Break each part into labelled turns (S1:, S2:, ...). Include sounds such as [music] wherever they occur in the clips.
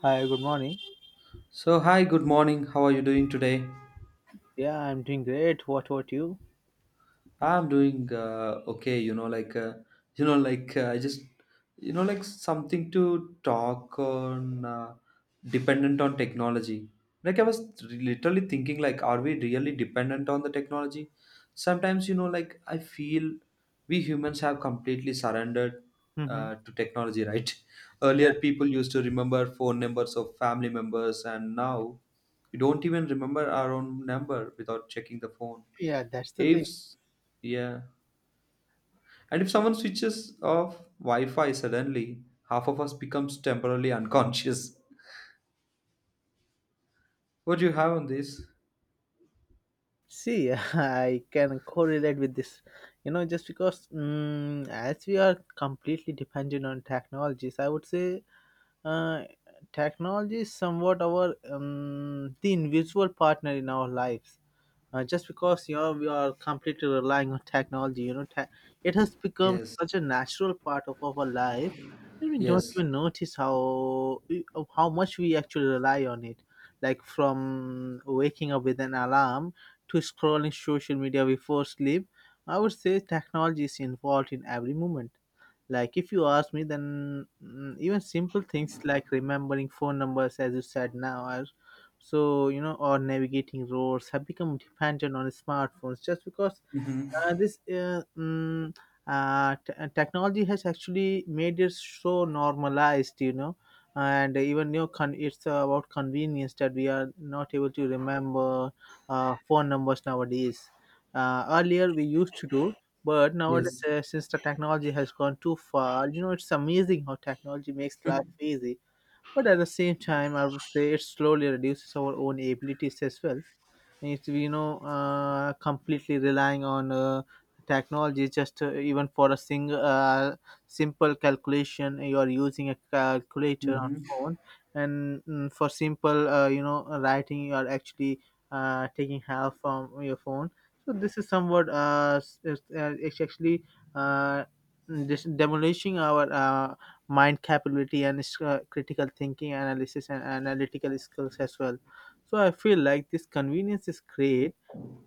S1: Hi, good morning.
S2: So, hi, good morning. How are you doing today?
S1: Yeah, I'm doing great. What about you?
S2: I'm doing okay, like, like, I just, like something to talk on, dependent on technology. Like, I was literally thinking, like, are we really dependent on the technology? Sometimes, like, I feel we humans have completely surrendered
S1: Mm-hmm.
S2: to technology, right? [laughs]
S1: Yeah,
S2: Earlier, people used to remember phone numbers of family members, and now we don't even remember our own number without checking the phone,
S1: yeah, that's the
S2: if
S1: thing.
S2: yeah, and if someone switches off Wi-Fi suddenly, half of us becomes temporarily unconscious. [laughs] What do you have on this?
S1: See, [laughs] I can correlate with this, you know, just because as we are completely dependent on technologies, I would say uh, technology is somewhat our the invisible partner in our lives. Just because, you know, we are completely relying on technology. It has become
S2: Yes.
S1: such a natural part of our life that we don't
S2: Yes.
S1: even notice how much we actually rely on it, like from waking up with an alarm to scrolling social media before sleep. I would say technology is involved in every moment. Like, if you ask me, then, even simple things like remembering phone numbers, as you said now, are, so, you know, or navigating roads have become dependent on smartphones. Just because
S2: Hmm.
S1: uh, this uh, mm, technology has actually made it so normalized, you know. And even, you know, it's about convenience that we are not able to remember phone numbers nowadays. Earlier we used to do, but nowadays,
S2: Yes.
S1: since the technology has gone too far, you know, it's amazing how technology makes
S2: [laughs]
S1: life easy. But at the same time, I would say it slowly reduces our own abilities as well. It's, you know, completely relying on technology, just even for a simple calculation. You are using a calculator on
S2: Hmm.
S1: phone, and, for simple, you know, writing, you are actually taking help from your phone. So this is somewhat, it's actually uh, demolishing our mind capability and critical thinking, analysis, and analytical skills as well. So I feel like this convenience is great,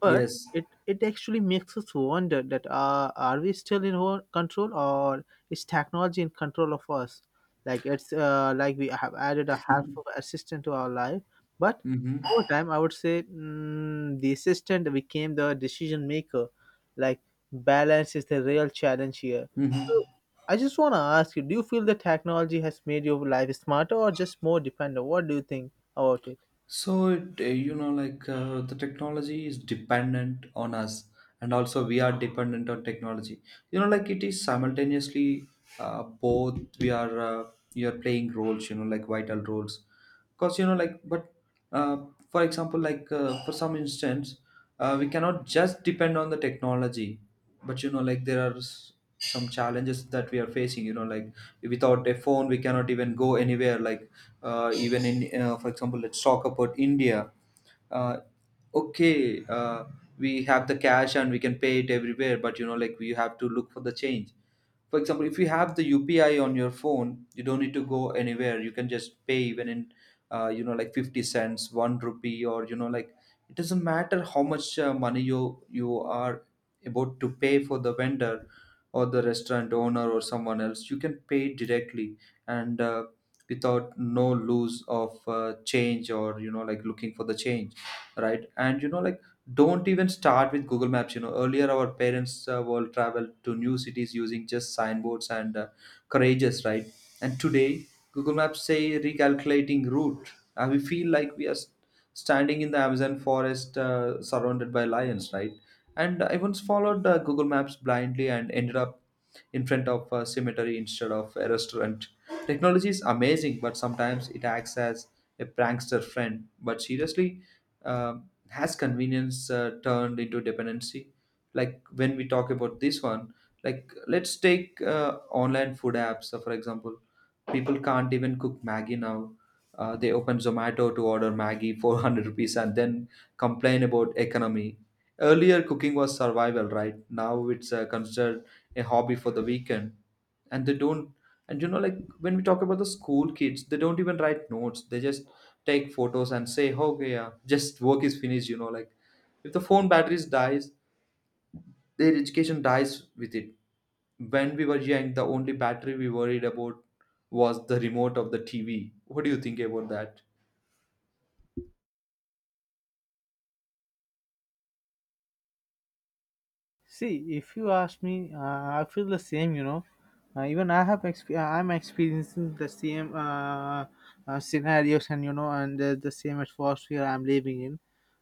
S1: but
S2: Yes.
S1: it actually makes us wonder that, are we still in our control, or is technology in control of us? Like it's, like we have added a helpful assistant to our life, but
S2: Hmm.
S1: over time I would say, the assistant became the decision maker. Like, balance is the real challenge here.
S2: Hmm.
S1: So I just want to ask you: do you feel that technology has made your life smarter or just more dependent? What do you think about it?
S2: So like the technology is dependent on us, and also we are dependent on technology. Like, it is simultaneously both. We are playing roles. Like, vital roles. Because like, but uh, for example, like, for some instance, we cannot just depend on the technology. But like, there are some challenges that we are facing. Like, without a phone, we cannot even go anywhere. Like, even in, for example, let's talk about India. uh, okay, we have the cash and we can pay it everywhere, but like, we have to look for the change. For example, if you have the UPI on your phone, you don't need to go anywhere. You can just pay even in, like, 50 cents, 1 rupee, or like, it doesn't matter how much money you are about to pay for the vendor or the restaurant owner or someone else. You can pay directly, and without no lose of change, or like, looking for the change, right? And like, don't even start with Google Maps. Earlier, our parents will travel to new cities using just signboards and courageous, right? And today, Google Maps say recalculating route, and we feel like we are standing in the Amazon forest, surrounded by lions, right? And I once followed Google Maps blindly and ended up in front of a cemetery instead of a restaurant. Technology is amazing, but sometimes it acts as a prankster friend. But seriously, um, has convenience turned into dependency? Like, when we talk about this one, like, let's take online food apps, for example. People can't even cook maggie now. They open Zomato to order maggie 400 [laughs] rupees and then complain about economy. Earlier cooking was survival. Right now it's considered a hobby for the weekend. And they don't. And like, when we talk about the school kids, they don't even write notes. They just take photos and say, "Oh, okay, yeah, just work is finished." Like, if the phone batteries dies, their education dies with it. When we were young, the only battery we worried about was the remote of the TV. What do you think about that?
S1: See, if you ask me, I feel the same. You know, even I'm experiencing the same scenarios, and, you know, and the same atmosphere I'm living in.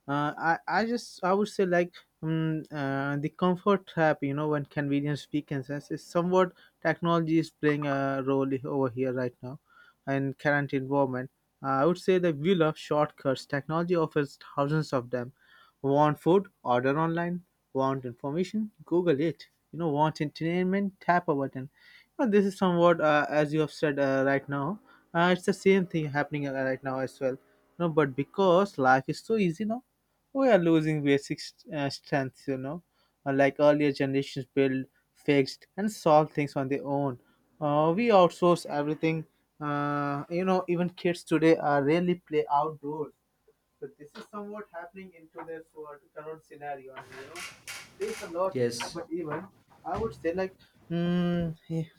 S1: I would say, like, the comfort trap. You know, when convenience weakens us, is somewhat technology is playing a role over here right now, and current environment. I would say that we love shortcuts. Technology offers thousands of them. Want food? Order online. Want information? Google it. You know, want entertainment? Tap a button. You know, this is somewhat, as you have said, right now, it's the same thing happening right now as well. No, but because life is so easy now, we are losing basic strength. You know, like, earlier generations build, fixed, and solved things on their own. We outsource everything. You know, even kids today are rarely play outdoors, so this is somewhat happening into this what current scenario, and, you know, there's a lot.
S2: Yes.
S1: But even I would say, like, mm, [laughs]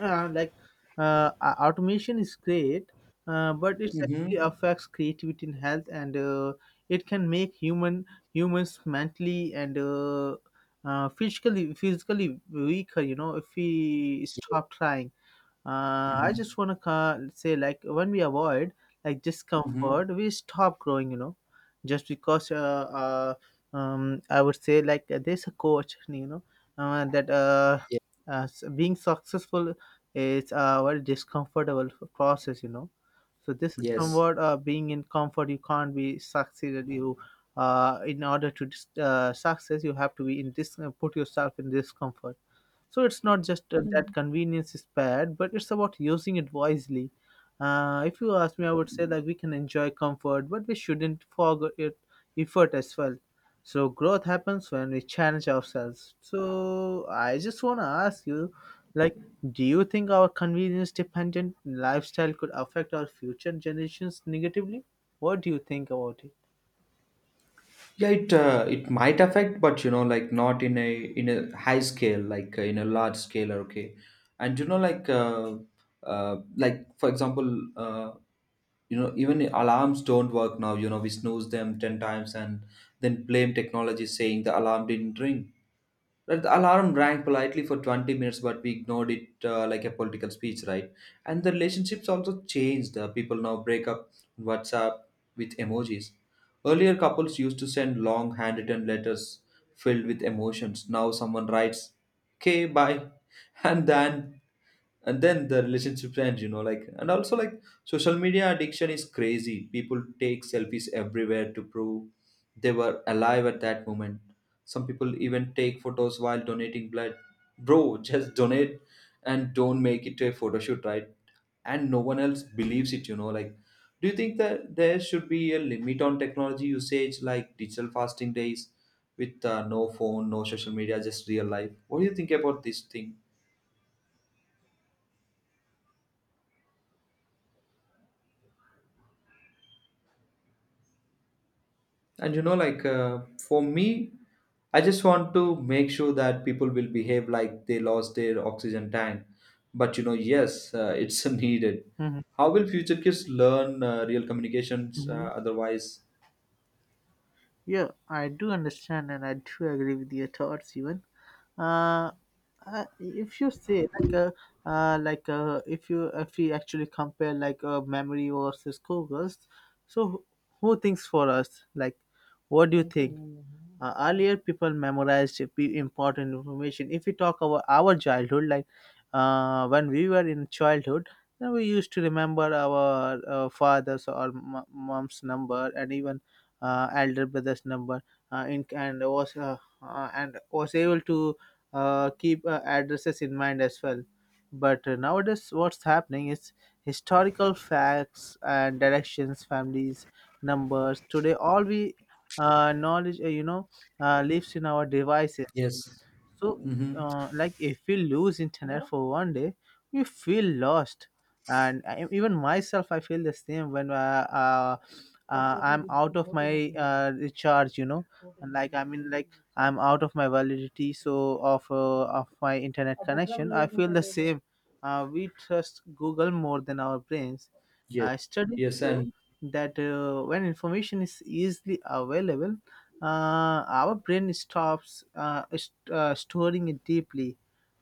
S1: like, automation is great, but it
S2: Mm-hmm.
S1: actually affects creativity and health, and it can make humans mentally and physically weaker. You know, if we stop trying, I
S2: Mm-hmm.
S1: just want to say, like, when we avoid, like,
S2: Mm-hmm.
S1: discomfort, we stop growing, you know, just because I would say, like, there's a coach, you know, that being successful is a very discomfortable process, you know. So this is
S2: Yes.
S1: somewhat, being in comfort you can't be succeeded. You, in order to success, you have to be in this, put yourself in discomfort. So it's not just, that convenience is bad, but it's about using it wisely. If you ask me, I would say that we can enjoy comfort, but we shouldn't forget it, effort as well. So growth happens when we challenge ourselves. So I just want to ask you, like, do you think our convenience-dependent lifestyle could affect our future generations negatively? What do you think about it?
S2: Yeah, it might affect, but like, not in a high scale, like, in a large scale, okay. And like, like, for example, even the alarms don't work now. We snooze them 10 times and then blame technology, saying the alarm didn't ring. Right, the alarm rang politely for 20 minutes, but we ignored it like a political speech, right? And the relationships also changed. People now break up on WhatsApp with emojis. Earlier, couples used to send long handwritten letters filled with emotions. Now, someone writes, okay, bye, [laughs] and then and then the relationship ends. Like, and also, like, social media addiction is crazy. People take selfies everywhere to prove they were alive at that moment. Some people even take photos while donating blood. Bro, [laughs] just donate and don't make it to a photo shoot, right? And no one else believes it. Like, do you think that there should be a limit on technology usage, like digital fasting days with no phone, no social media, just real life? What do you think about this thing? And like, for me, I just want to make sure that people will behave like they lost their oxygen tank. But yes, it's [laughs] needed.
S1: Mhm,
S2: How will future kids learn real communications,
S1: mhm.
S2: otherwise?
S1: Yeah, I do understand, and I do agree with your thoughts even. Uh, if you say, like, a, like a, if we actually compare, like, a memory versus Google, so who thinks for us? Like, what do you think? Earlier, people memorized important information. If we talk about our childhood, like, when we were in childhood, then we used to remember our father's or mom's number, and even elder brother's number, uh, in, and was uh, and was able to keep addresses in mind as well. But nowadays what's happening is, historical facts and directions, families, numbers, today, all we knowledge, you know, lives in our devices.
S2: Yes.
S1: So,
S2: Mm-hmm.
S1: like, if we lose internet for one day, we feel lost. And I, even myself, I feel the same when I'm out of my recharge. You know, and, like, I mean, like, I'm out of my validity. So of my internet connection, I feel the same. We trust Google more than our brains.
S2: Yes.
S1: Studies
S2: Yes.
S1: show
S2: And
S1: that, when information is easily available, our brain stops storing it deeply.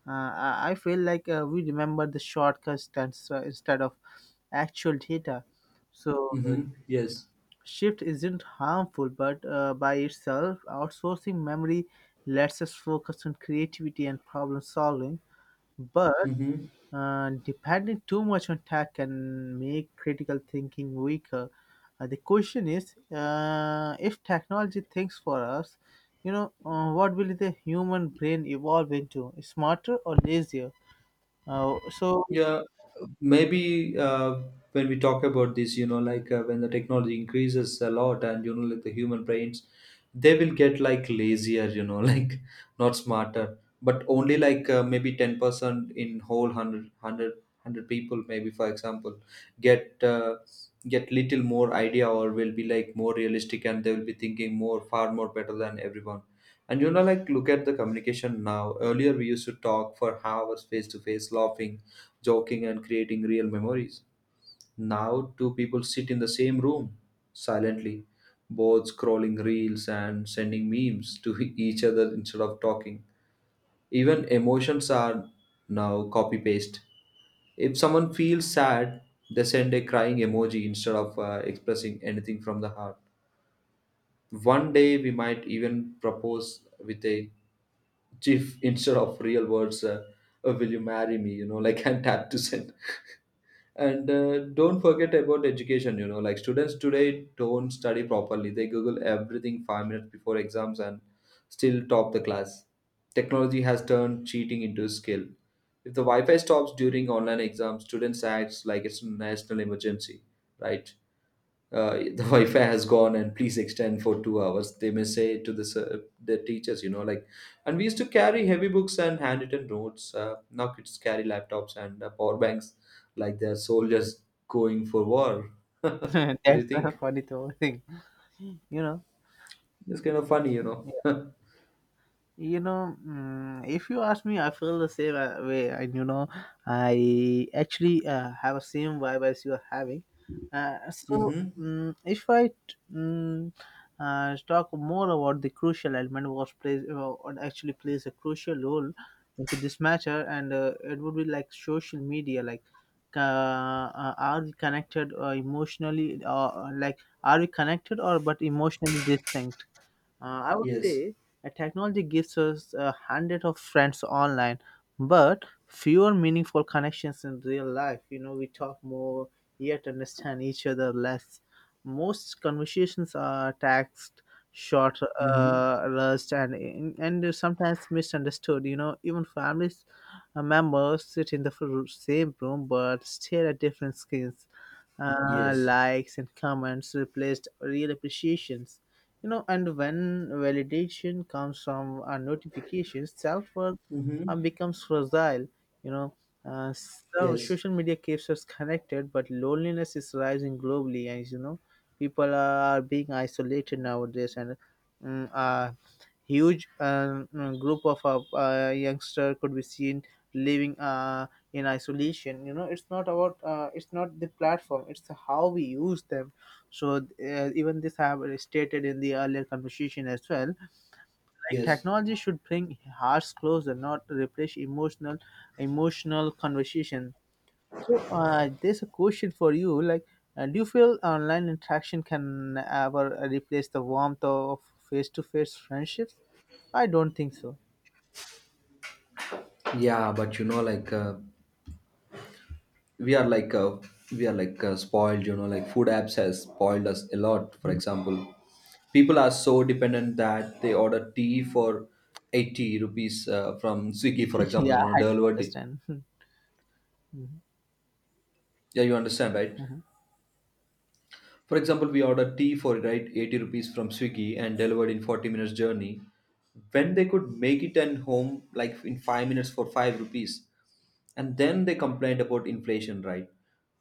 S1: I feel like we remember the shortcuts, that's, instead of actual data. So
S2: mm-hmm. Yes.
S1: shift isn't harmful, but by itself, outsourcing memory lets us focus on creativity and problem solving. But
S2: Mm-hmm.
S1: depending too much on tech can make critical thinking weaker. The question is, if technology thinks for us, you know, what will the human brain evolve into? Smarter or lazier? So,
S2: Yeah, maybe, when we talk about this, like, when the technology increases a lot, and, like, the human brains, they will get like lazier, [laughs] like, not smarter, but only like, maybe 10% in whole 100, people, maybe for example, get uh, get little more idea, or will be like more realistic, and they will be thinking more, far more better than everyone. And like, look at the communication now. Earlier, we used to talk for hours face to face, laughing, joking, and creating real memories. Now, two people sit in the same room silently, both scrolling reels and sending memes to [laughs] each other instead of talking. Even emotions are now copy paste. If someone feels sad, they send a crying emoji instead of expressing anything from the heart. One day, we might even propose with a chief instead of real words, will you marry me, [laughs] like, and tap to send. And don't forget about education. Like, students today don't study properly. They google everything 5 minutes before exams and still top the class. Technology has turned cheating into a skill. If the Wi-Fi stops during online exams, students acts like it's a national emergency, right? The [laughs] Wi-Fi has gone, and please extend for 2 hours, they may say to the the teachers, like, and we used to carry heavy books and handwritten notes. Now kids carry laptops and power banks like they're soldiers going for war. [laughs]
S1: [laughs]
S2: What do
S1: that's
S2: you
S1: a
S2: think?
S1: funny thing, you know.
S2: It's kind of funny, you know. [laughs]
S1: You know, if you ask me, I feel the same way. And you know, I actually have the same vibe as you are having. So,
S2: Mm-hmm.
S1: mm if I t- mm, talk more about the crucial element, what actually plays a crucial role into this matter, and it would be like social media, like, are we connected emotionally, or like, are we connected, or but emotionally distinct? I would
S2: Yes.
S1: say technology gives us 100 of friends online, but fewer meaningful connections in real life. You know, we talk more, yet understand each other less. Most conversations are text, short,
S2: Mm-hmm.
S1: rushed, and sometimes misunderstood. You know, even families, members sit in the same room but stare at different screens.
S2: Yes.
S1: Likes and comments replaced real appreciations, you know. And when validation comes from notifications, self-worth
S2: Mm-hmm.
S1: becomes fragile, you know. So,
S2: Yes.
S1: social media keeps us connected, but loneliness is rising globally, and, you know, people are being isolated nowadays. And a huge, group of youngster could be seen living in isolation, you know. It's not the platform, it's how we use them. So, even this have stated in the earlier conversation as well, like,
S2: Yes.
S1: technology should bring hearts closer, not replace emotional conversation. So there's a question for you, like, do you feel online interaction can ever replace the warmth of face-to-face friendships? I don't think so.
S2: Yeah, but like, we are like uh, we are like spoiled. Like, food apps has spoiled us a lot. For
S1: Mhm.
S2: example. People are so dependent that they order tea for 80 rupees from Swiggy, for
S1: [laughs] Yeah,
S2: example,
S1: I
S2: delivered.
S1: understand. [laughs] Mhm,
S2: Yeah, you understand, right?
S1: mhm.
S2: For example, we order tea for, right, 80 rupees from Swiggy and delivered in 40 minutes journey, when they could make it and home like in 5 minutes for 5 rupees. And then they complained about inflation, right?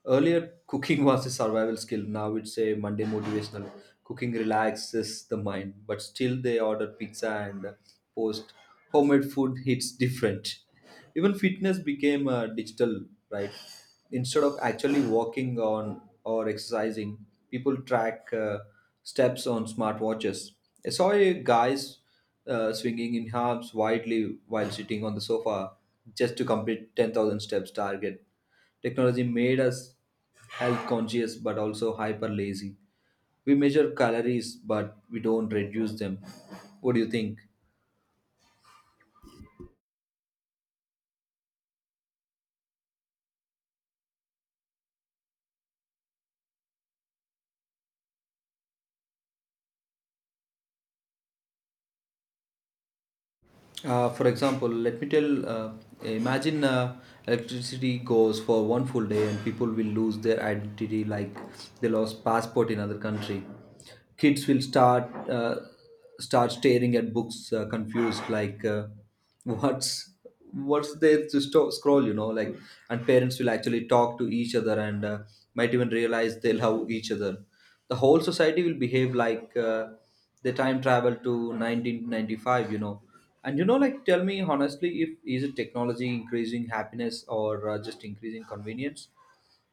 S2: Earlier, cooking [laughs] was a survival skill. Now it's a Monday motivational. Cooking relaxes the mind, but still they order pizza and post. Homemade food hits different. Even fitness became digital, right? Instead of actually walking on or exercising, people track steps on smartwatches. I saw a guys swinging in arms widely while sitting on the sofa just to complete 10,000 steps target. Technology made us health conscious, but also hyper lazy. We measure calories, but we don't reduce them. What do you think? For example, let me tell, imagine electricity goes for one full day, and people will lose their identity like they lost passport in other country. Kids will start staring at books, confused, like, what's what's there to scroll. Like, and parents will actually talk to each other, and might even realize they love each other. The whole society will behave like, they time travel to 1995, you know. And like, tell me honestly, if is it technology increasing happiness or just increasing convenience?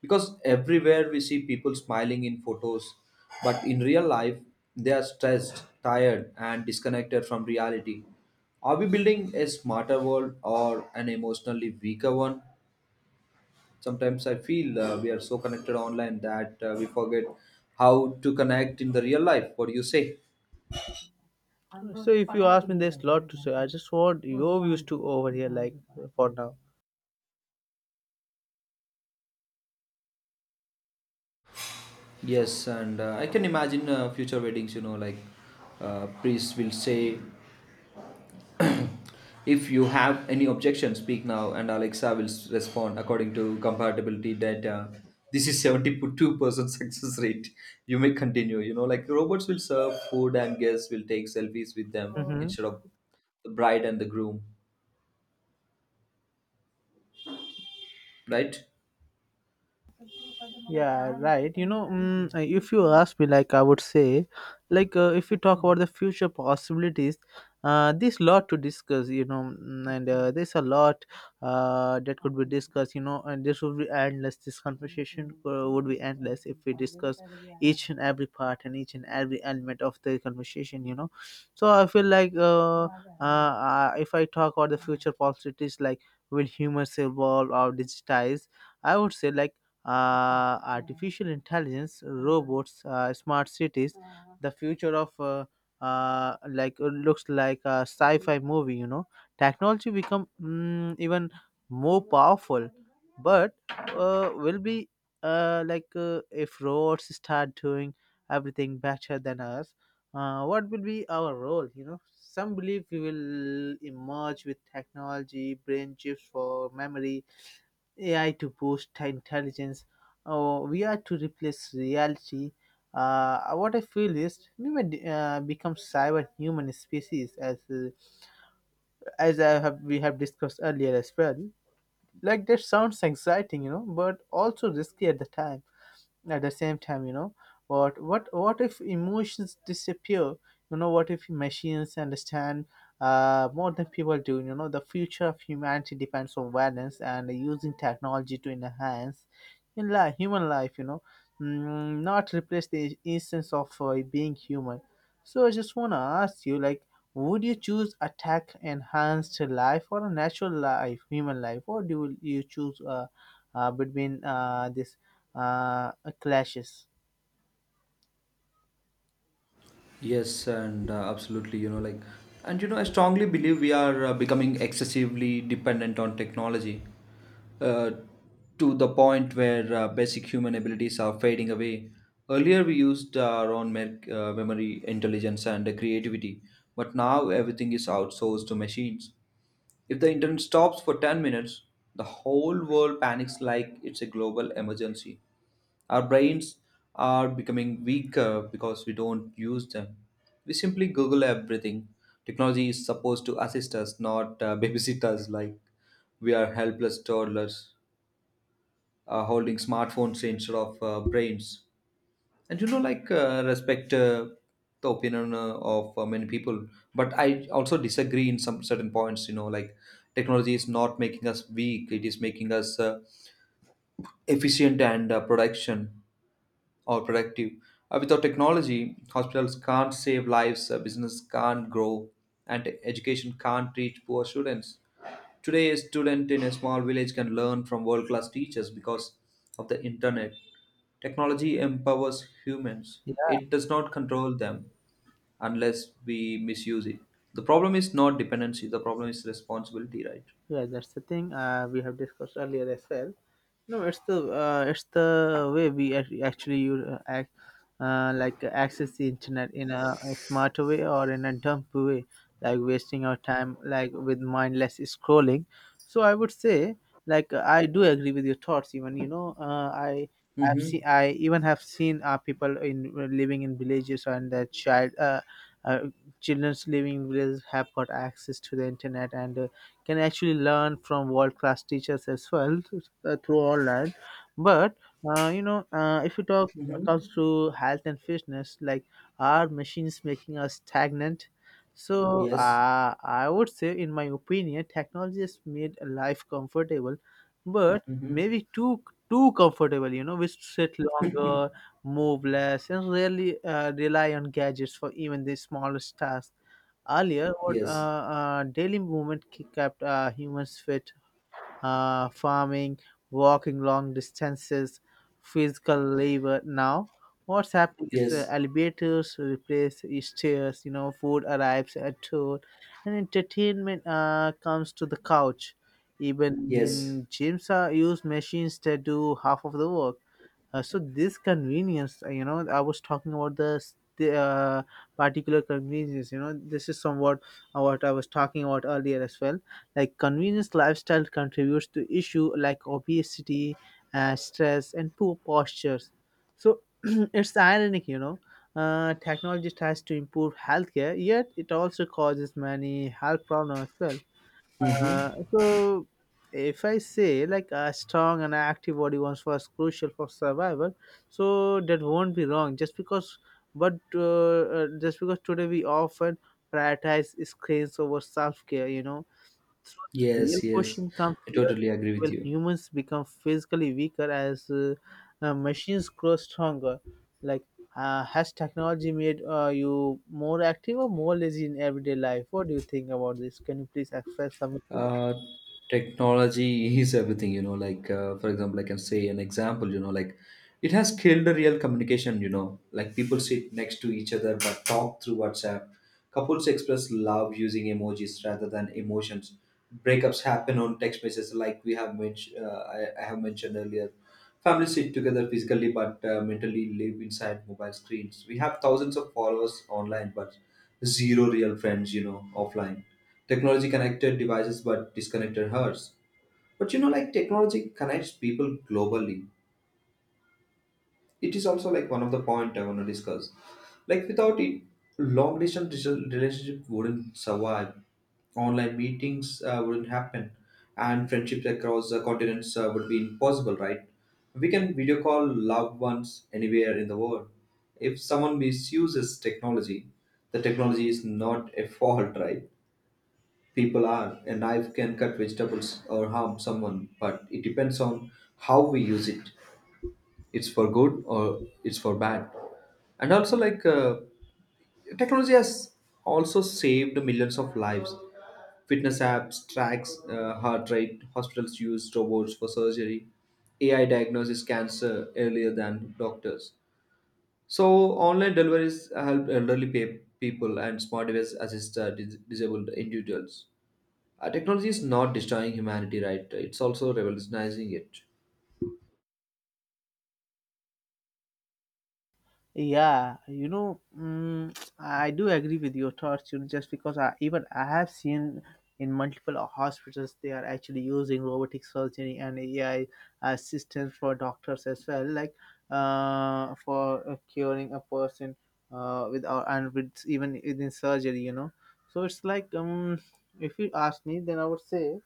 S2: Because everywhere we see people smiling in photos, but in real life, they are stressed, tired, and disconnected from reality. Are we building a smarter world or an emotionally weaker one? Sometimes I feel we are so connected online that we forget how to connect in the real life. What do you say?
S1: So if you ask me, there's a lot to say. I just want your views to over here, like, for now.
S2: Yes, and I can imagine future weddings, like, priests will say, [coughs] if you have any objection, speak now, and Alexa will respond according to compatibility data. This is 72% [laughs] success rate. You may continue. Like, robots will serve food and guests will take selfies with them
S1: Mhm.
S2: instead of the bride and the groom, right?
S1: Yeah, right, you know, if you ask me, like, I would say, like, if we talk about the future possibilities, there's a lot to discuss, you know, and there's a lot that could be discussed, you know. And this would be endless. This conversation, would be endless if we discuss each and every part and each and every element of the conversation, you know. So I feel like, if I talk about the future possibilities, like, will humans evolve or digitize? I would say, like, artificial intelligence, robots, smart cities, the future of, like, looks like a sci-fi movie. You know, technology become, even more powerful, but will be, like, if robots start doing everything better than us. What will be our role? You know, some believe we will emerge with technology, brain chips for memory, AI to boost intelligence, or VR to replace reality. What I feel is we may become cyber human species, as I have we have discussed earlier as well. Like, that sounds exciting, but also risky at the time at the same time, what if emotions disappear? What if machines understand more than people do? The future of humanity depends on awareness and using technology to enhance human life, not replace the essence of being human. So I just want to ask you, like, would you choose a tech enhanced life or a natural life, human life, or do you choose between this uh, clashes?
S2: Yes, and absolutely, like, and I strongly believe we are becoming excessively dependent on technology, uh, to the point where basic human abilities are fading away. Earlier, we used our own memory, intelligence, and creativity, but now everything is outsourced to machines. If the internet stops for 10 minutes, the whole world panics like it's a global emergency. Our brains are becoming weaker because we don't use them. We simply Google everything. Technology is supposed to assist us, not [laughs] babysit us like we are helpless toddlers holding smartphones instead of brains. And you know, like, Respect the opinion of many people, but I also disagree in some certain points, you know, like technology is not making us weak, it is making us efficient and production or productive. Without technology, hospitals can't save lives, business can't grow, and education can't reach poor students. Today, a student in a small village can learn from world class teachers because of the internet. Technology empowers humans, it does not control them unless we misuse it. The problem is not dependency, the problem is responsibility, right?
S1: Yeah, that's the thing we have discussed earlier as well. No, it's the way we ac- actually use, act, like access the internet in a smart way or in a dumb way, like wasting our time like with mindless scrolling. So I would say, I do agree with your thoughts. Even I
S2: Mm-hmm.
S1: have seen people in living in villages, and their uh, children's living in villages have got access to the internet. And. Can actually learn from world class teachers as well through online. But you know if you talk
S2: Mm-hmm.
S1: comes to health and fitness. Like, are machines making us stagnant? So
S2: Yes.
S1: I would say, in my opinion, technology has made life comfortable, but
S2: Mm-hmm.
S1: maybe too comfortable. You know, we sit longer, move less, and rarely rely on gadgets for even the smallest tasks. Earlier, what
S2: Yes.
S1: daily movement kept humans fit, farming, walking long distances, physical labor. Now, what's happening is
S2: Yes.
S1: elevators replace stairs, you know, food arrives at door, and entertainment comes to the couch.
S2: Yes.
S1: Even gyms are use machines that do half of the work. So this convenience, you know, I was talking about the particular convenience. You know, this is somewhat what I was talking about earlier as well. Like, convenience lifestyle contributes to issue like obesity, stress, and poor postures. So [clears throat] it's ironic, you know. Technology tries to improve healthcare, yet it also causes many health problems as well.
S2: Mm-hmm.
S1: So if I say like a strong and active body once was crucial for survival, so that won't be wrong. Just because today we often prioritize screens over self care, you know. So the real
S2: Yes, yes,
S1: question comes
S2: I
S1: here:
S2: totally agree with
S1: Will
S2: you.
S1: humans become physically weaker as machines grow stronger? Like, has technology made you more active or more lazy in everyday life? What do you think about this? Can you please express some?
S2: Uh, Technology is everything, you know. Like, for example, I can say an example, you know, like it has killed the real communication, you know. Like, people sit next to each other but talk through WhatsApp. Couples express love using emojis rather than emotions. Breakups happen on text messages, like we have mentioned, I have mentioned earlier. Families sit together physically but mentally live inside mobile screens. We have thousands of followers online but zero real friends, you know, offline. Technology connected devices but disconnected hearts. But you know, like technology connects people globally, it is also like one of the point I want to discuss, like without it long distance relationship wouldn't survive, online meetings wouldn't happen, and friendships across continents would be impossible, right? We can video call loved ones anywhere in the world. If someone misuses technology, the technology is not a fault, right? People are. A knife can cut vegetables or harm someone, but it depends on how we use it, it's for good or it's for bad. And also, technology has also saved millions of lives. Fitness apps tracks heart rate, hospitals use robots for surgery, AI diagnoses cancer earlier than doctors. So online deliveries help elderly people and smart devices assist disabled individuals. Technology is not destroying humanity, right? It's also revolutionizing it.
S1: Yeah, you know, mm, I do agree with your thoughts. You know, just because I even I have seen in multiple hospitals they are actually using robotic surgery and AI assistance for doctors as well, like for curing a person with or and with even within surgery. You know, so it's like, if you ask me, then I would say,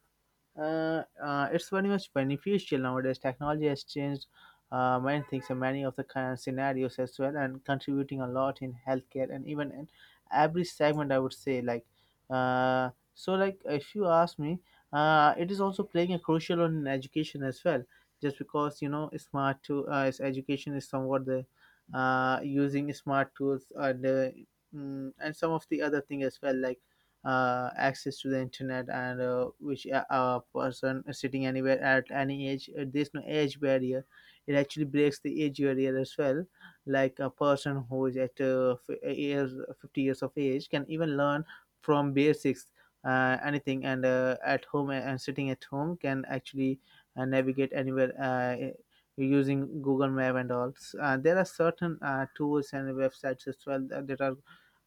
S1: it's very much beneficial nowadays. Technology has changed many things and many of the kind of scenarios as well, and contributing a lot in healthcare and even in every segment. I would say, like, if you ask me, it is also playing a crucial role in education as well. Just because, you know, smart to is education is somewhat the using smart tools and and some of the other thing as well, like access to the internet, and which a person sitting anywhere at any age, there's no age barrier, it actually breaks the age barrier as well. Like, a person who is at 50 years of age can even learn from basics anything, and at home and sitting at home can actually navigate anywhere using google map and all. There are certain tools and websites as well that are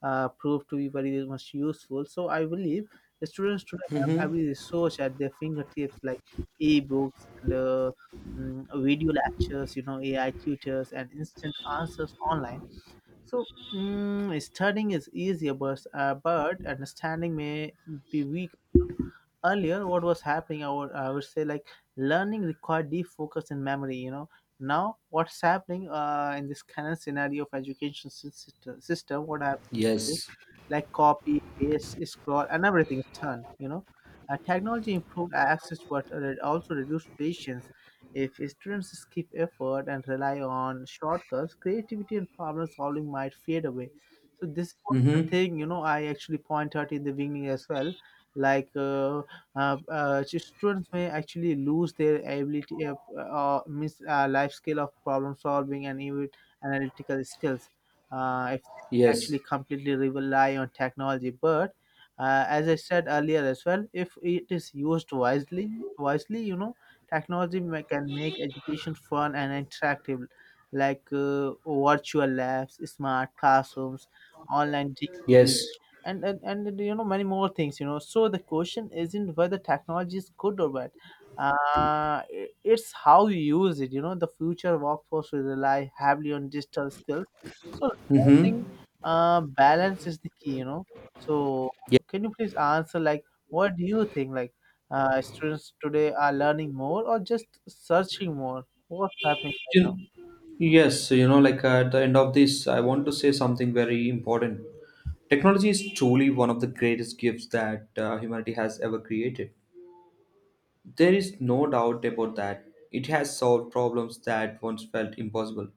S1: proved to be very much useful. So I believe the students should have every resource at their fingertips, like e-books and video lectures, you know, AI tutors, and instant answers online. So, mm, studying is easier, but understanding may be weak. Earlier, what was happening, I would say, like, learning required deep focus and memory, you know. Now, what's happening in this current scenario of education system, what happens is
S2: Yes.
S1: like copy paste scroll, and everything is done, you know. Technology improved access, but it also reduced patience. If students skip effort and rely on shortcuts, creativity and problem solving might fade away. So this was the
S2: Mm-hmm.
S1: thing, you know, I actually point out in the beginning as well. Like, students may actually lose their ability of, miss life skill of problem solving and even analytical skills if they
S2: Yes.
S1: actually completely rely on technology. But as I said earlier as well, if it is used wisely, you know, technology can make education fun and interactive, like virtual labs, smart classrooms, online
S2: Yes.
S1: degrees, and, you know, many more things, you know. So the question isn't whether technology is good or bad. It's how you use it, you know. The future workforce will rely heavily on digital skills. So
S2: Mm-hmm.
S1: learning balance is the key, you know. So
S2: Yeah.
S1: can you please answer, like, what do you think, like, students today are learning more or just searching more? What's happening right now?
S2: You- Yes, so, you know, at the end of this, I want to say something very important. Technology is truly one of the greatest gifts that humanity has ever created. There is no doubt about that. It has solved problems that once felt impossible.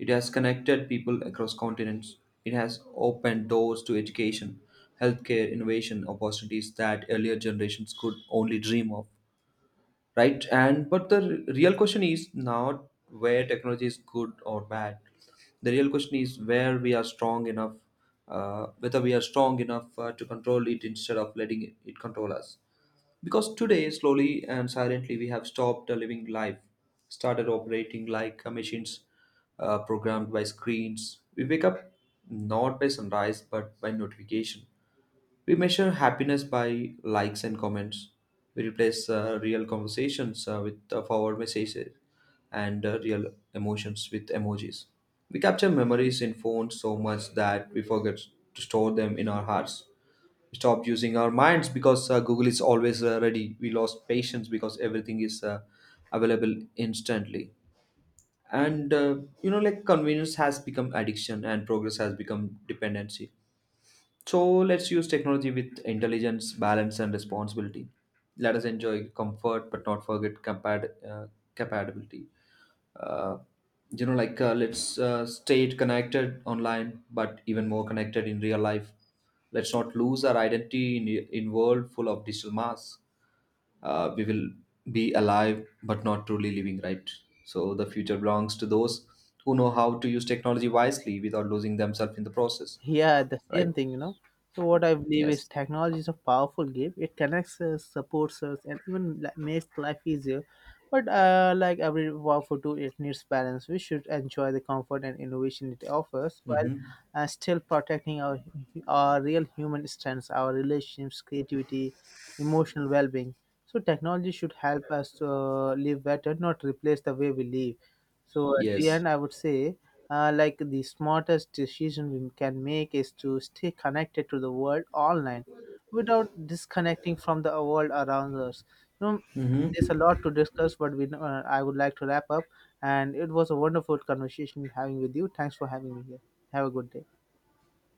S2: It has connected people across continents. It has opened doors to education, healthcare, innovation, opportunities that earlier generations could only dream of. Right, and but the real question is not where technology is good or bad, the real question is where we are strong enough, whether we are strong enough to control it instead of letting it control us. Because today slowly and silently we have stopped living life, started operating like machines programmed by screens. We wake up not by sunrise but by notification, we measure happiness by likes and comments. We replace real conversations with forward messages and real emotions with emojis. We capture memories in phones so much that we forget to store them in our hearts. We stop using our minds because Google is always ready. We lost patience because everything is available instantly. And you know, like Convenience has become addiction and progress has become dependency, so let's use technology with intelligence, balance, and responsibility. Let us enjoy comfort, but not forget compatibility. Uh, let's stay connected online, but even more connected in real life. Let's not lose our identity in world full of digital masks. We will be alive, but not truly living, right? So the future belongs to those who know how to use technology wisely without losing themselves in the process,
S1: Yeah, the
S2: right?
S1: same thing, you know. So what I believe is
S2: Yes.
S1: technology is a powerful game. It connects us, supports us, and even, like, makes life easier. But like every powerful tool, it needs balance. We should enjoy the comfort and innovation it offers while
S2: Mm-hmm.
S1: still protecting our real human strengths, our relationships, creativity, emotional well-being. So technology should help us live better, not replace the way we live. So at the
S2: Yes.
S1: end I would say, like, the smartest decision we can make is to stay connected to the world online without disconnecting from the world around us. You know,
S2: Hmm.
S1: there's a lot to discuss, but I would like to wrap up. And it was a wonderful conversation having with you. Thanks for having me here. Have a good day.